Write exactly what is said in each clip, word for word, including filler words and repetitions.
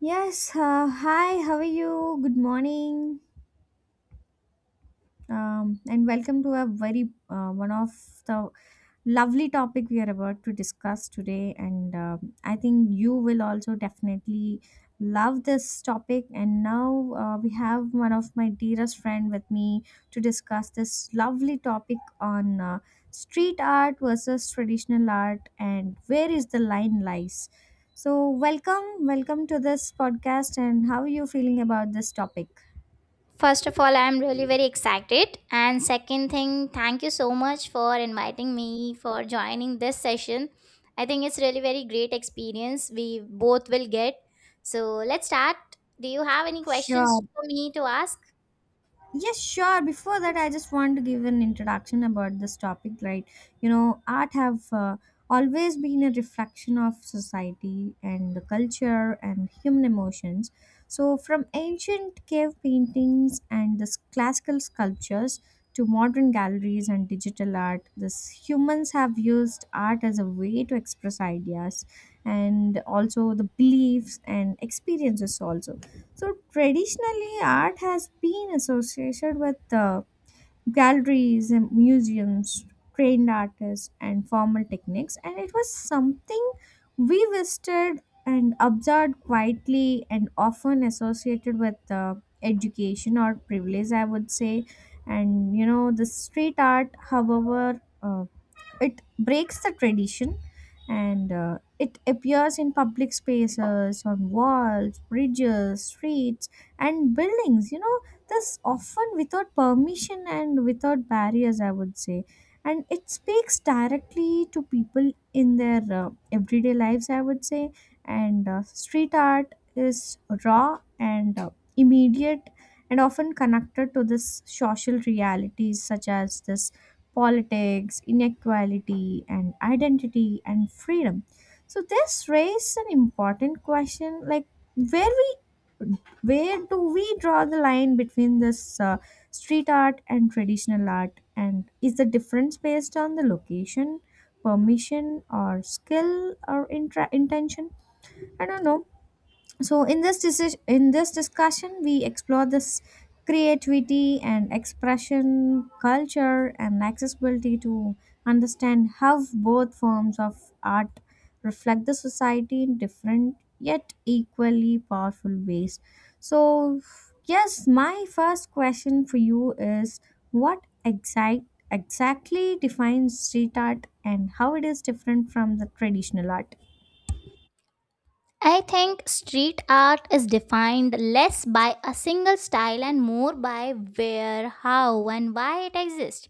Yes, uh, hi, how are you? Good morning. Um, and welcome to a very uh, one of the Lovely topic we are about to discuss today, and um, I think you will also definitely love this topic. And now uh, we have one of my dearest friend with me to discuss this lovely topic on uh, street art versus traditional art, and where is the line lies. So, welcome, welcome to this podcast, and how are you feeling about this topic? First of all, I'm really very excited. And second thing, thank you so much for inviting me for joining this session. I think it's really very great experience we both will get. So let's start. Do you have any Sure, questions for me to ask? Yes, sure. Before that, I just want to give an introduction about this topic, right? You know, art have uh, always been a reflection of society and the culture and human emotions. So, from ancient cave paintings and this classical sculptures to modern galleries and digital art, this humans have used art as a way to express ideas and also the beliefs and experiences also. So traditionally, art has been associated with uh, galleries and museums, trained artists, and formal techniques, and it was something we visited and observed quietly and often associated with uh, education or privilege, I would say. And you know, the street art, however, uh, it breaks the tradition and uh, it appears in public spaces on walls, bridges, streets, and buildings, you know, this often without permission and without barriers, I would say. And it speaks directly to people in their uh, everyday lives, I would say. And uh, street art is raw and uh, immediate and often connected to this social realities such as this politics, inequality, and identity and freedom. So this raises an important question, like where we where do we draw the line between this uh, street art and traditional art, and is the difference based on the location, permission, or skill or intra- intention? I don't know. So in this deci- in this discussion we explore this creativity and expression, culture and accessibility to understand how both forms of art reflect the society in different yet equally powerful ways. So yes, my first question for you is, what exact exactly defines street art and how it is different from the traditional art? I think street art is defined less by a single style and more by where, how, and why it exists.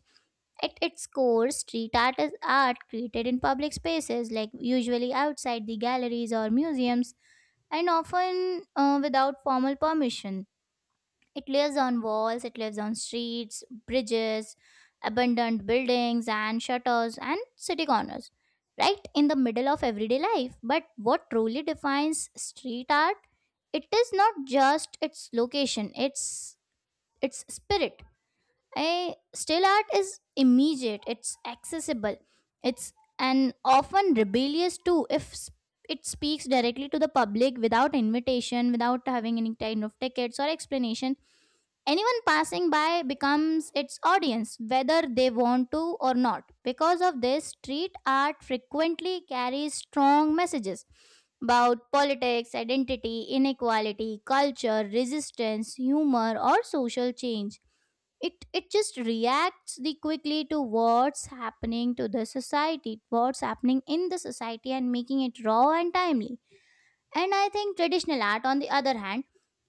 At its core, street art is art created in public spaces, like usually outside the galleries or museums and often uh, without formal permission. It lives on walls, it lives on streets, bridges, abandoned buildings, and shutters and city corners, right in the middle of everyday life. But what truly defines street art? It is not just its location, it's its spirit. I, still art is immediate, it's accessible, it's and often rebellious too. If s- It speaks directly to the public without invitation, without having any kind of tickets or explanation. Anyone passing by becomes its audience, whether they want to or not. Because of this, street art frequently carries strong messages about politics, identity, inequality, culture, resistance, humor, or social change. It it just reacts the quickly to what's happening to the society, what's happening in the society, and making it raw and timely. And I think traditional art, on the other hand,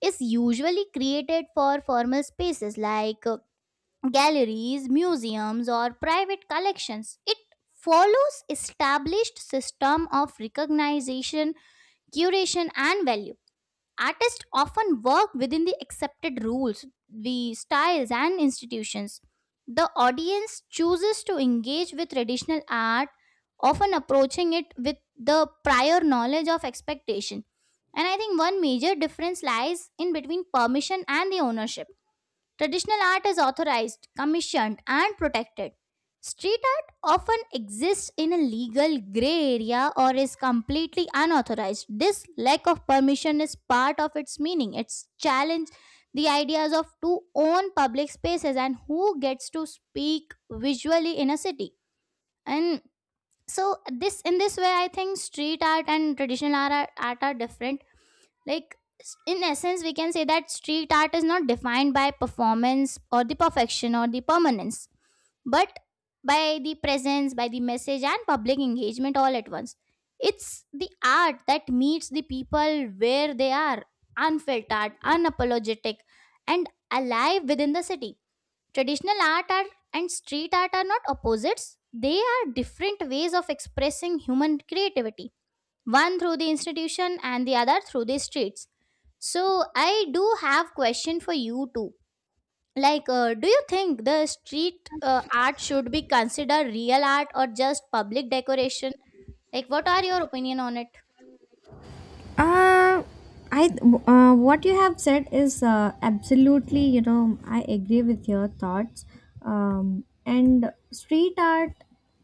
is usually created for formal spaces like uh, galleries, museums, or private collections. It follows established system of recognition, curation, and value. Artists often work within the accepted rules, the styles, and institutions. The audience chooses to engage with traditional art, often approaching it with the prior knowledge of expectation. And I think one major difference lies in between permission and the ownership. Traditional art is authorized, commissioned, and protected. Street art often exists in a legal gray area or is completely unauthorized. This lack of permission is part of its meaning. It's challenge the ideas of to own public spaces and who gets to speak visually in a city. And so this, in this way, I think street art and traditional art are, art are different. Like, s- in essence, we can say that street art is not defined by performance or the perfection or the permanence, but by the presence, by the message, and public engagement all at once. It's the art that meets the people where they are, unfiltered, unapologetic, and alive within the city. Traditional art are, and street art are not opposites, they are different ways of expressing human creativity, one through the institution and the other through the streets. So I do have question for you too. Like, uh, do you think the street uh, art should be considered real art or just public decoration? Like, what are your opinion on it? Uh, I uh, what you have said is uh, absolutely, you know, I agree with your thoughts. Um, and street art,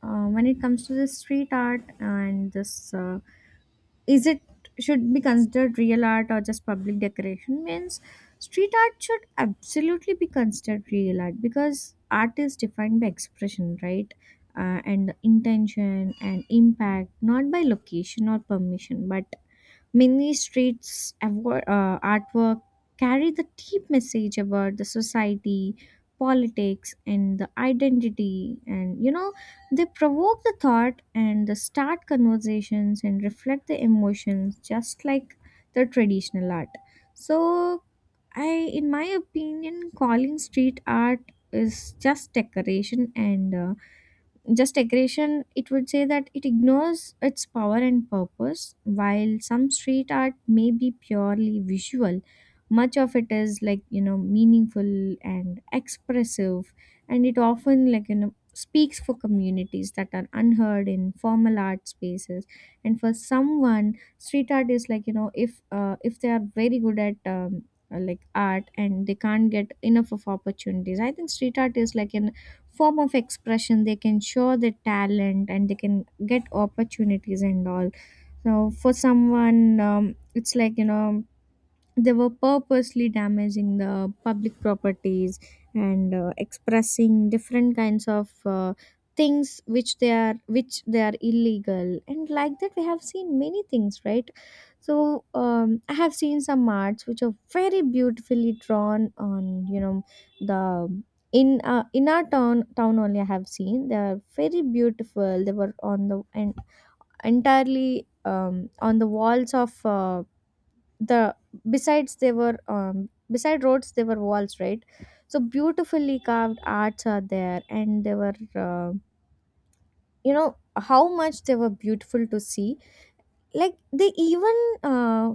uh, when it comes to this street art and this, uh, is it should be considered real art or just public decoration? Means street art should absolutely be considered real art because art is defined by expression, right? Uh, and intention and impact, not by location or permission, but many streets avo- uh, artwork carry the deep message about the society, politics, and the identity. And you know, they provoke the thought and the start conversations and reflect the emotions, just like the traditional art. So, I, in my opinion, calling street art is just decoration and uh, just aggression, it would say that it ignores its power and purpose. While some street art may be purely visual, much of it is, like, you know, meaningful and expressive, and it often, like, you know, speaks for communities that are unheard in formal art spaces. And for someone, street art is like, you know, if uh, if they are very good at um, uh, like art and they can't get enough of opportunities, I think street art is like an form of expression they can show their talent and they can get opportunities and all. So for someone, um, it's like, you know, they were purposely damaging the public properties and uh, expressing different kinds of uh, things which they are, which they are illegal, and like that we have seen many things, right? So um, I have seen some arts which are very beautifully drawn on, you know, the in uh, in our town town only. I have seen they are very beautiful. They were on the and entirely, um, on the walls of uh, the besides, they were, um, beside roads there were walls, right? So beautifully carved arts are there, and they were, uh, you know, how much they were beautiful to see. Like they even uh,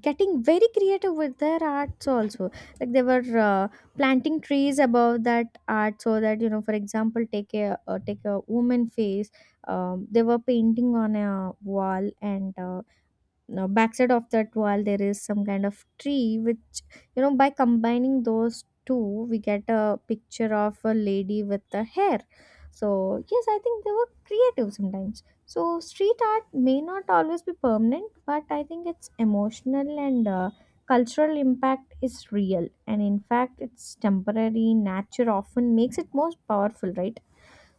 getting very creative with their arts also. Like they were uh, planting trees above that art so that, you know, for example, take a uh, take a woman face, um, they were painting on a wall. And uh, now backside of that wall there is some kind of tree, which, you know, by combining those two, we get a picture of a lady with the hair. So yes, I think they were creative sometimes. So street art may not always be permanent, but I think its emotional and uh, cultural impact is real, and in fact its temporary nature often makes it most powerful, right?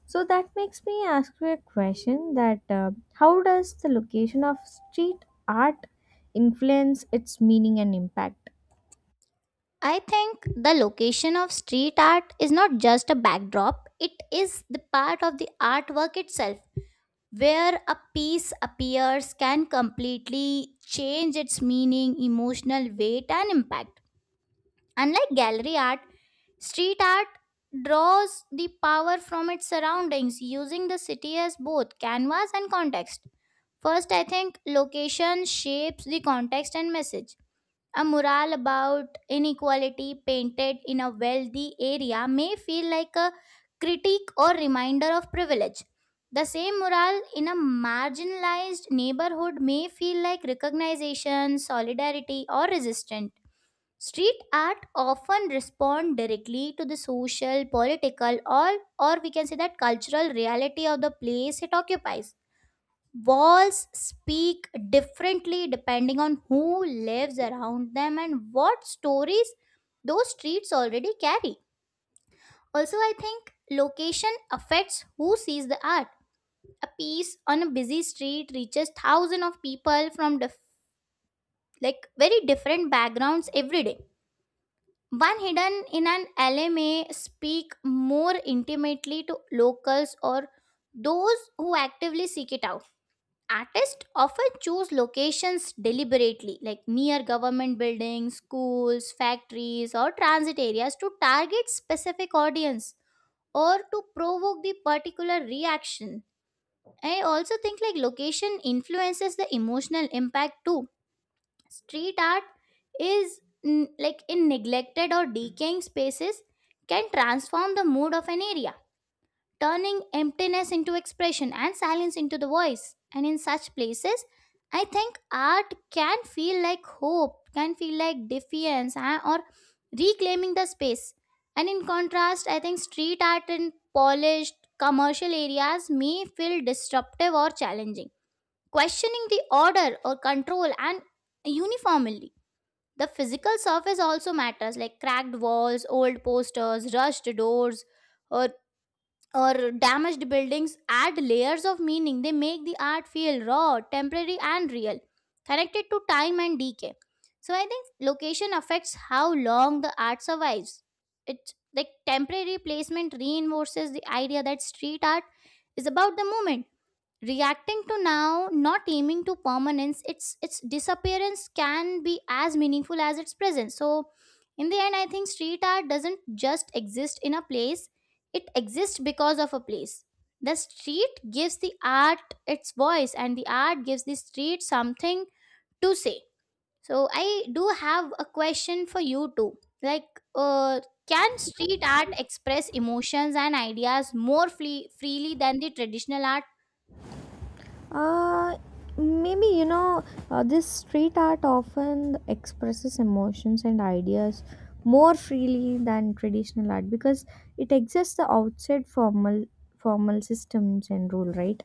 So that makes me ask you a question, that uh, how does the location of street art influence its meaning and impact? I think the location of street art is not just a backdrop, it is the part of the artwork itself. Where a piece appears can completely change its meaning, emotional weight, and impact. Unlike gallery art, street art draws the power from its surroundings, using the city as both canvas and context. First, I think location shapes the context and message. A mural about inequality painted in a wealthy area may feel like a critique or reminder of privilege. The same mural in a marginalized neighborhood may feel like recognition, solidarity, or resistance. Street art often respond directly to the social, political, or or we can say that, cultural reality of the place it occupies. Walls speak differently depending on who lives around them and what stories those streets already carry. Also, I think location affects who sees the art. A piece on a busy street reaches thousands of people from dif- like very different backgrounds every day. One hidden in an alley may speak more intimately to locals or those who actively seek it out. Artists often choose locations deliberately, like near government buildings, schools, factories, or transit areas, to target specific audience or to provoke the particular reaction. I also think like location influences the emotional impact too. Street art is n- like in neglected or decaying spaces can transform the mood of an area, turning emptiness into expression and silence into the voice. And in such places, I think art can feel like hope, can feel like defiance, ah, or reclaiming the space. And in contrast, I think street art in polished commercial areas may feel disruptive or challenging, questioning the order or control. And uniformly, the physical surface also matters, like cracked walls, old posters, rushed doors, or or damaged buildings add layers of meaning. They make the art feel raw, temporary, and real, connected to time and decay. So I think location affects how long the art survives. It's like temporary placement reinforces the idea that street art is about the moment, reacting to now, not aiming to permanence. Its its disappearance can be as meaningful as its presence. So in the end, I think street art doesn't just exist in a place, it exists because of a place. The street gives the art its voice, and the art gives the street something to say. So I do have a question for you too. Like, uh, can street art express emotions and ideas more free- freely than the traditional art? Uh, maybe you know, uh, this street art often expresses emotions and ideas more freely than traditional art because it exists outside formal formal systems and rule, right?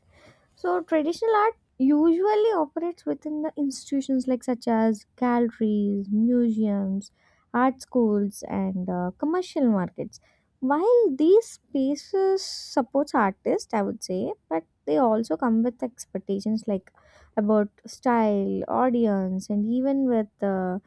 So traditional art usually operates within the institutions like such as galleries, museums, art schools, and uh, commercial markets. While these spaces supports artists, I would say, but they also come with expectations like about style, audience, and even with uh,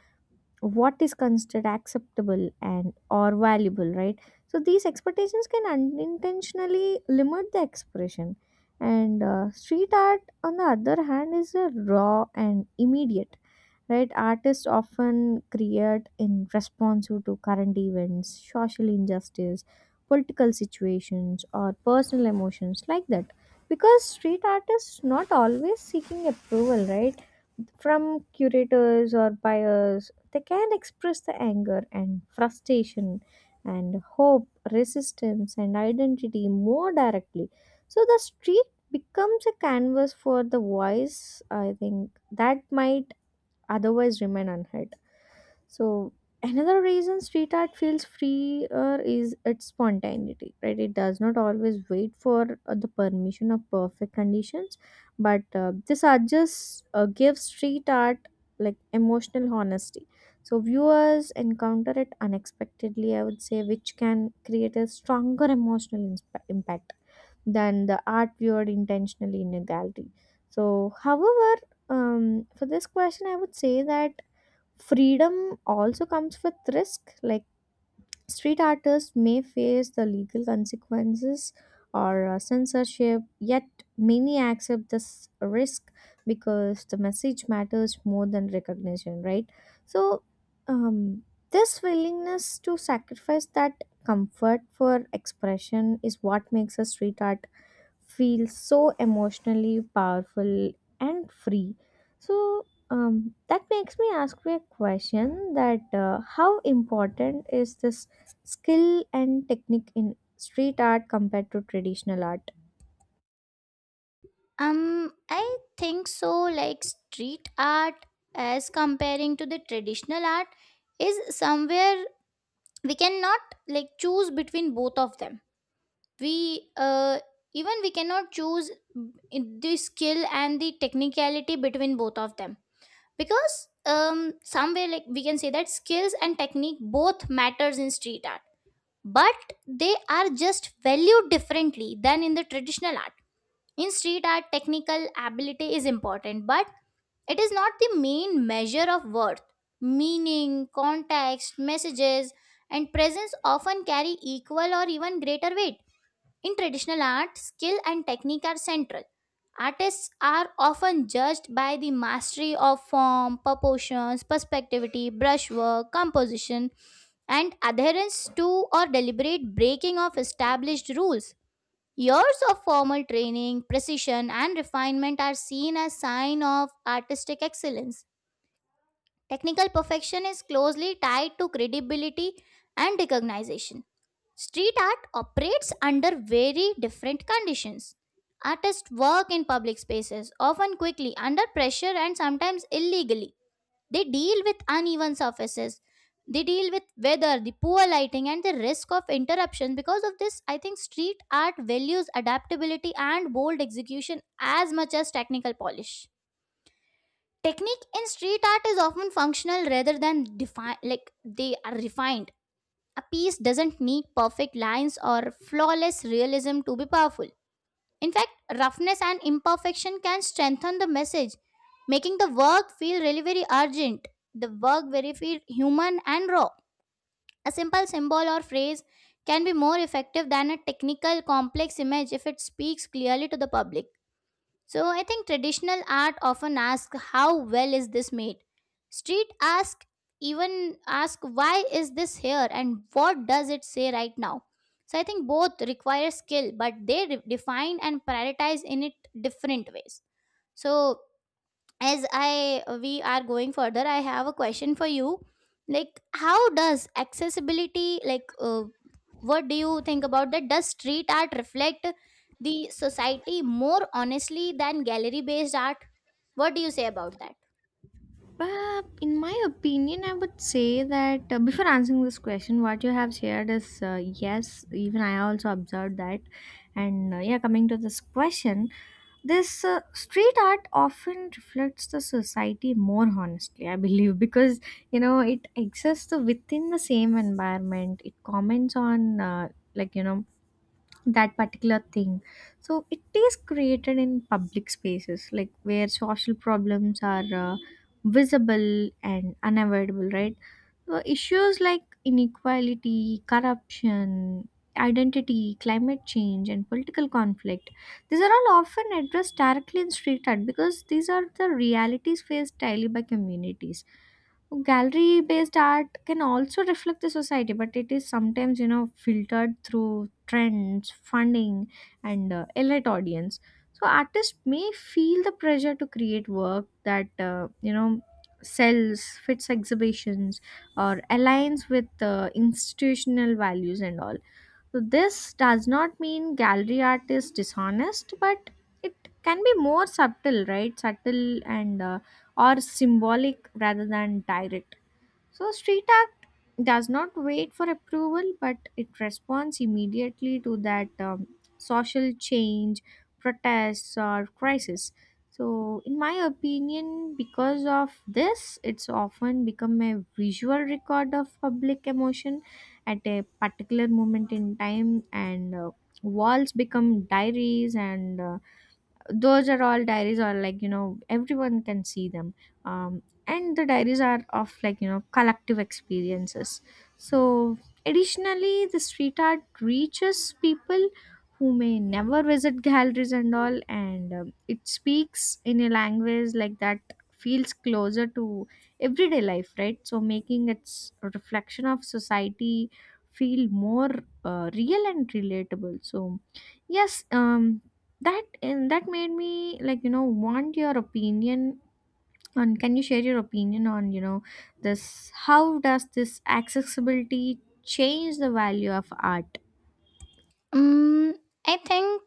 what is considered acceptable and or valuable, right? So these expectations can unintentionally limit the expression. And uh, street art on the other hand is a raw and immediate, right? Artists often create in response to current events, social injustice, political situations, or personal emotions like that. Because street art is not always seeking approval, right, from curators or buyers, they can express the anger and frustration and hope, resistance, and identity more directly. So the street becomes a canvas for the voice, I think, that might otherwise remain unheard. So another reason street art feels freer is its spontaneity, right? It does not always wait for uh, the permission of perfect conditions, but uh, this art just uh, gives street art like emotional honesty. So viewers encounter it unexpectedly, I would say, which can create a stronger emotional insp- impact than the art viewed intentionally in a gallery. So, however, um, for this question, I would say that freedom also comes with risk, like street artists may face the legal consequences or uh, censorship, yet many accept this risk because the message matters more than recognition, right? So, um, this willingness to sacrifice that comfort for expression is what makes a street art feel so emotionally powerful and free. So um, that makes me ask you a question, that uh, how important is this skill and technique in street art compared to traditional art? Um, I think so. Like street art, as comparing to the traditional art, is somewhere we cannot like choose between both of them. We uh, even we cannot choose in the skill and the technicality between both of them, because um somewhere, like, we can say that skills and technique both matters in street art, but they are just valued differently than in the traditional art. In street art, technical ability is important, but it is not the main measure of worth. Meaning, context, messages, and presence often carry equal or even greater weight. In traditional art, skill and technique are central. Artists are often judged by the mastery of form, proportions, perspectivity, brushwork, composition, and adherence to or deliberate breaking of established rules. Years of formal training, precision, and refinement are seen as sign of artistic excellence. Technical perfection is closely tied to credibility and recognition. Street art operates under very different conditions. Artists work in public spaces, often quickly, under pressure, and sometimes illegally. They deal with uneven surfaces, they deal with weather, the poor lighting, and the risk of interruption. Because of this, I think street art values adaptability and bold execution as much as technical polish. Technique in street art is often functional rather than defined, like they are refined. A piece doesn't need perfect lines or flawless realism to be powerful. In fact, roughness and imperfection can strengthen the message, making the work feel really very urgent, the work very feel human and raw. A simple symbol or phrase can be more effective than a technical complex image if it speaks clearly to the public. So I think traditional art often asks how well is this made. Street ask, even ask, why is this here and what does it say right now. So I think both require skill, but they re- define and prioritize in it different ways. So as I we are going further, I have a question for you. Like, how does accessibility, like, uh, what do you think about that, does street art reflect the society more honestly than gallery based art? What do you say about that? But in my opinion, I would say that uh, before answering this question, what you have shared is, uh, yes, even I also observed that. And uh, yeah, coming to this question, this uh, street art often reflects the society more honestly, I believe, because, you know, it exists within the same environment. It comments on, uh, like, you know, that particular thing. So it is created in public spaces like where social problems are uh, visible and unavoidable, right? So issues like inequality, corruption, identity, climate change, and political conflict, these are all often addressed directly in street art, because these are the realities faced daily by communities. Gallery based art can also reflect the society, but it is sometimes, you know, filtered through trends, funding, and uh, elite audience. So artists may feel the pressure to create work that, uh, you know, sells, fits exhibitions, or aligns with uh, institutional values and all. So this does not mean gallery art is dishonest, but it can be more subtle, right? Subtle and uh, or symbolic rather than direct. So, street act does not wait for approval, but it responds immediately to that, um, social change, protests, or crisis. So, in my opinion, because of this, it's often become a visual record of public emotion at a particular moment in time. And uh, walls become diaries. And uh, those are all diaries are like, you know, everyone can see them. um, and the diaries are of, like, you know, collective experiences. So additionally, the street art reaches people who may never visit galleries and all. And um, it speaks in a language like that feels closer to everyday life, right? So making its reflection of society feel more uh, real and relatable. So yes, um that, and that made me like, you know, want your opinion on, can you share your opinion on, you know, this, how does this accessibility change the value of art? Um, I think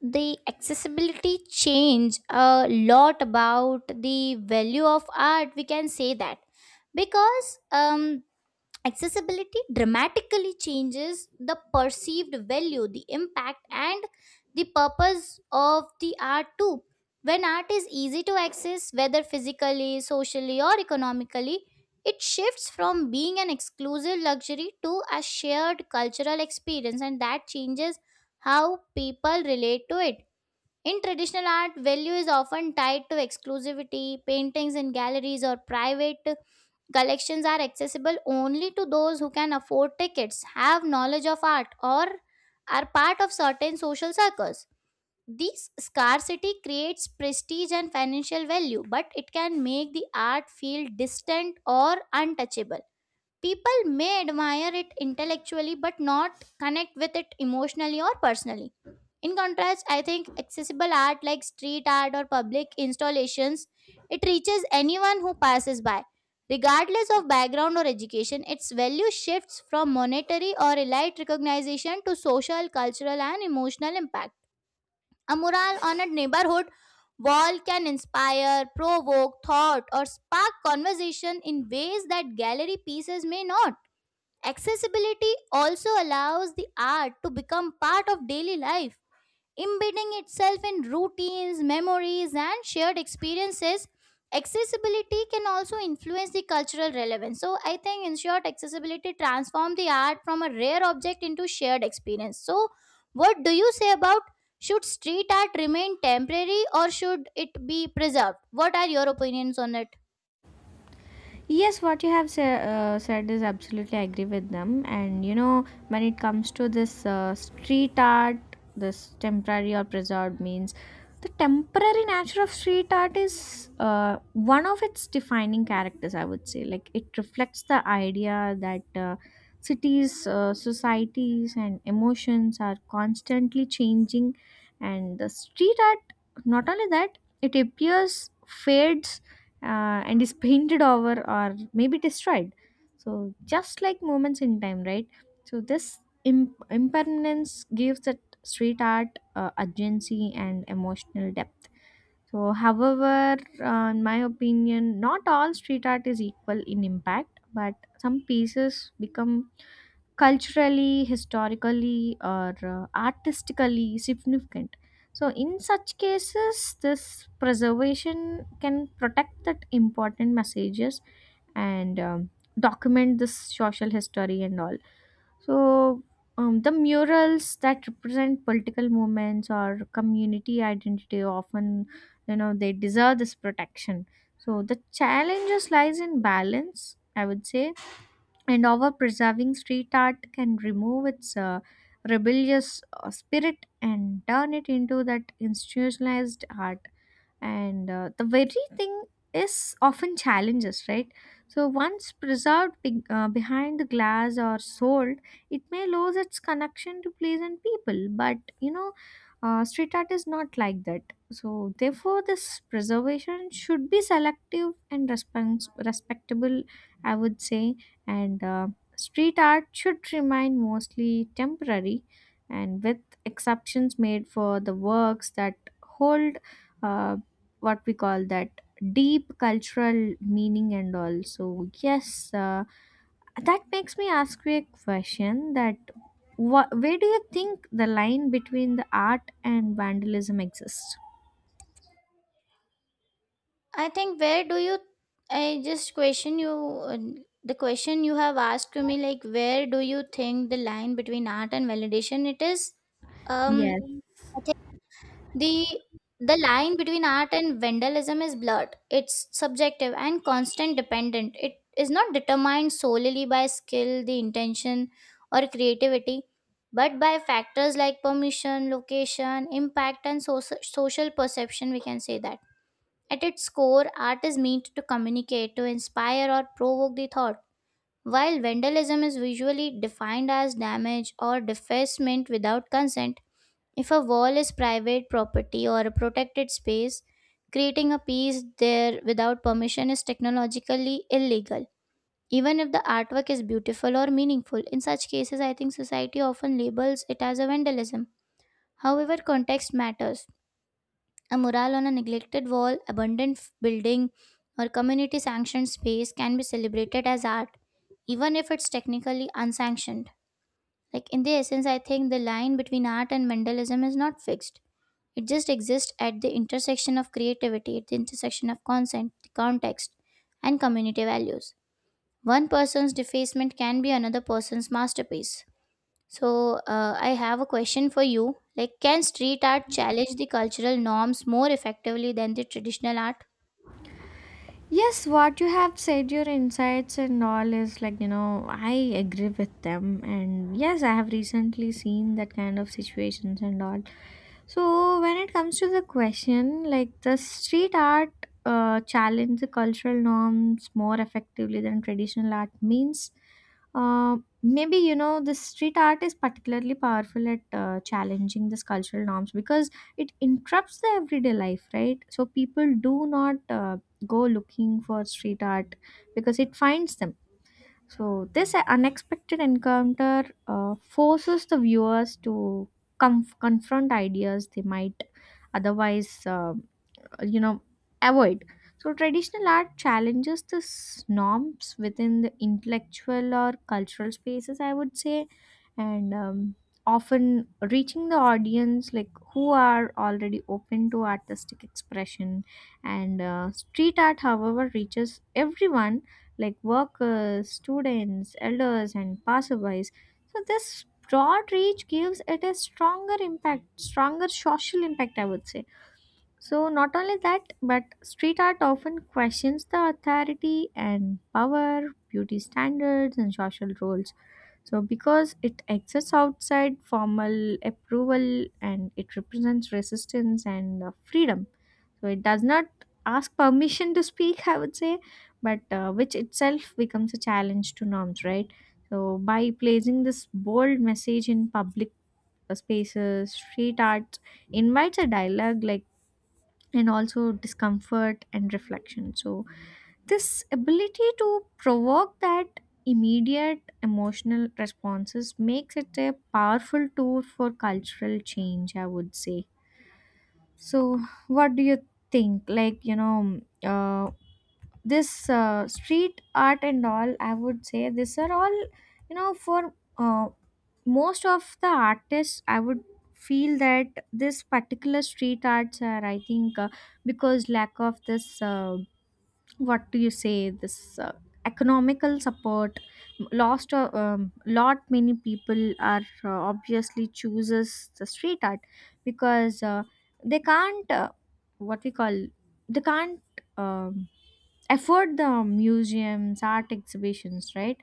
the accessibility change a lot about the value of art. We can say that, because um, accessibility dramatically changes the perceived value, the impact, and the purpose of the art too. When art is easy to access, whether physically, socially, or economically, it shifts from being an exclusive luxury to a shared cultural experience, and that changes how people relate to it. In traditional art, value is often tied to exclusivity. Paintings in galleries, or private collections are accessible only to those who can afford tickets, have knowledge of art, or are part of certain social circles. This scarcity creates prestige and financial value, but it can make the art feel distant or untouchable. People may admire it intellectually but not connect with it emotionally or personally. In contrast, I think accessible art like street art or public installations, it reaches anyone who passes by. Regardless of background or education, its value shifts from monetary or elite recognition to social, cultural, and emotional impact. A mural on a neighborhood wall can inspire, provoke thought, or spark conversation in ways that gallery pieces may not. Accessibility also allows the art to become part of daily life, embedding itself in routines, memories, and shared experiences. Accessibility can also influence the cultural relevance. So, I think, in short, accessibility transform the art from a rare object into shared experience. So, what do you say about, should street art remain temporary or should it be preserved? What are your opinions on it? Yes, what you have sa- uh, said is absolutely agree with them. And you know, when it comes to this uh, street art, this temporary or preserved means the temporary nature of street art is uh, one of its defining characters, I would say. Like it reflects the idea that uh, cities, uh, societies, and emotions are constantly changing. And the street art, not only that, it appears, fades uh, and is painted over or maybe destroyed. So, just like moments in time, right? So, this imp- impermanence gives that street art uh, urgency and emotional depth. So, however, uh, in my opinion, not all street art is equal in impact, but some pieces become culturally, historically, or uh, artistically significant. So, in such cases, this preservation can protect that important messages and um, document this social history and all. So, um, the murals that represent political movements or community identity often, you know, they deserve this protection. So, the challenges lies in balance, I would say, and our preserving street art can remove its uh, rebellious uh, spirit and turn it into that institutionalized art, and uh, the very thing is often challenges, right? So once preserved be- uh, behind the glass or sold, it may lose its connection to place and people. But you know, uh, street art is not like that, so therefore this preservation should be selective and respons- respectable, I would say. And uh, street art should remain mostly temporary, and with exceptions made for the works that hold, uh, what we call that, deep cultural meaning and all. So yes, uh, that makes me ask you a question that wha where do you think the line between the art and vandalism exists? I think where do you, I just question you, uh, the question you have asked to me, like, where do you think the line between art and validation it is. um Yes. I think the the line between art and vandalism is blurred, it's subjective and constant dependent. It is not determined solely by skill, the intention, or creativity, but by factors like permission, location, impact, and so- social perception, we can say that. At its core, art is meant to communicate, to inspire, or provoke the thought. While vandalism is usually defined as damage or defacement without consent, if a wall is private property or a protected space, creating a piece there without permission is technologically illegal. Even if the artwork is beautiful or meaningful, in such cases, I think society often labels it as a vandalism. However, context matters. A mural on a neglected wall, abandoned f- building, or community sanctioned space can be celebrated as art, even if it's technically unsanctioned. Like in the essence, I think the line between art and Mendelism is not fixed. It just exists at the intersection of creativity, at the intersection of consent, the context, and community values. One person's defacement can be another person's masterpiece. So, uh, I have a question for you. Like, can street art challenge the cultural norms more effectively than the traditional art? Yes, what you have said, your insights and all is like, you know, I agree with them. And yes, I have recently seen that kind of situations and all. So when it comes to the question, like the street art uh, challenge the cultural norms more effectively than traditional art means, uh, maybe you know the street art is particularly powerful at uh, challenging these cultural norms because it interrupts the everyday life, right? So people do not uh, go looking for street art because it finds them. So, this unexpected encounter uh, forces the viewers to com- confront ideas they might otherwise uh, you know avoid. So traditional art challenges the s- norms within the intellectual or cultural spaces, I would say, and um, often reaching the audience like who are already open to artistic expression. And uh, street art however reaches everyone, like workers, students, elders, and passerbys. So this broad reach gives it a stronger impact, stronger social impact, I would say. So, not only that, but street art often questions the authority and power, beauty standards, and social roles. So, because it exists outside formal approval and it represents resistance and uh, freedom. So, it does not ask permission to speak, I would say, but uh, which itself becomes a challenge to norms, right? So, by placing this bold message in public uh, spaces, street art invites a dialogue, like, and also discomfort and reflection. So, this ability to provoke that immediate emotional responses makes it a powerful tool for cultural change, I would say. So, what do you think? Like, you know, uh, this uh, street art and all, I would say, these are all, you know, for uh, most of the artists, I would feel that this particular street arts are, I think, uh, because lack of this uh, what do you say, this uh, economical support, lost uh, um, lot many people are uh, obviously chooses the street art because uh, they can't uh, what we call, they can't um, afford the museums, art exhibitions, right?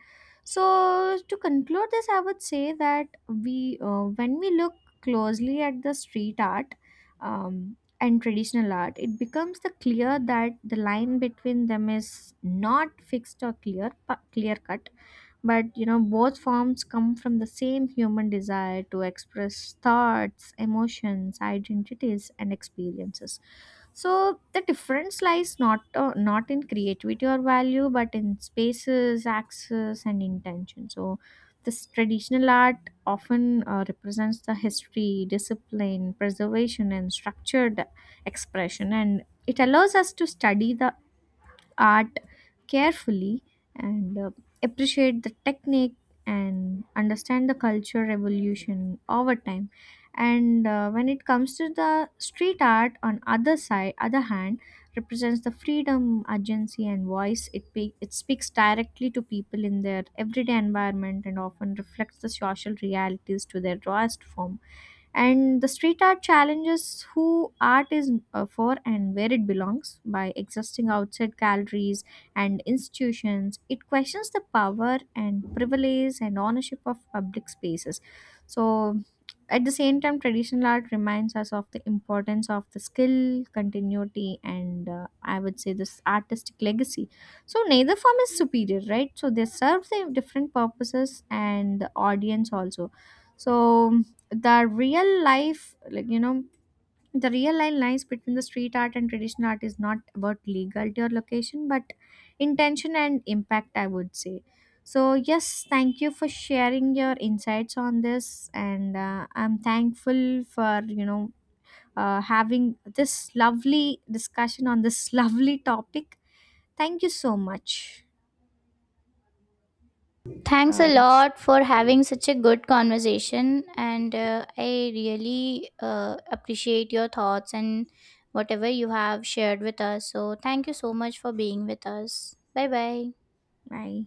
So to conclude this, I would say that we uh, when we look closely at the street art um, and traditional art, it becomes the clear that the line between them is not fixed or clear clear cut, but you know both forms come from the same human desire to express thoughts, emotions, identities, and experiences. So the difference lies not uh, not in creativity or value, but in spaces, access, and intention. So this traditional art often uh, represents the history, discipline, preservation, and structured expression, and it allows us to study the art carefully, and uh, appreciate the technique and understand the culture revolution over time. And uh, when it comes to the street art, on other side other hand, represents the freedom, agency, and voice. It pe- it speaks directly to people in their everyday environment and often reflects the social realities to their rawest form. And the street art challenges who art is uh, for and where it belongs. By existing outside galleries and institutions, it questions the power and privilege and ownership of public spaces. So at the same time, traditional art reminds us of the importance of the skill, continuity, and uh, I would say this artistic legacy. So neither form is superior, right? So they serve the different purposes and the audience also. So the real life like you know, the real line lies between the street art and traditional art is not about legality or location, but intention and impact, I would say. So yes, thank you for sharing your insights on this, and uh, I'm thankful for, you know, uh, having this lovely discussion on this lovely topic. Thank you so much. Thanks uh, a lot for having such a good conversation, and uh, I really uh, appreciate your thoughts and whatever you have shared with us. So, thank you so much for being with us. Bye bye. Bye.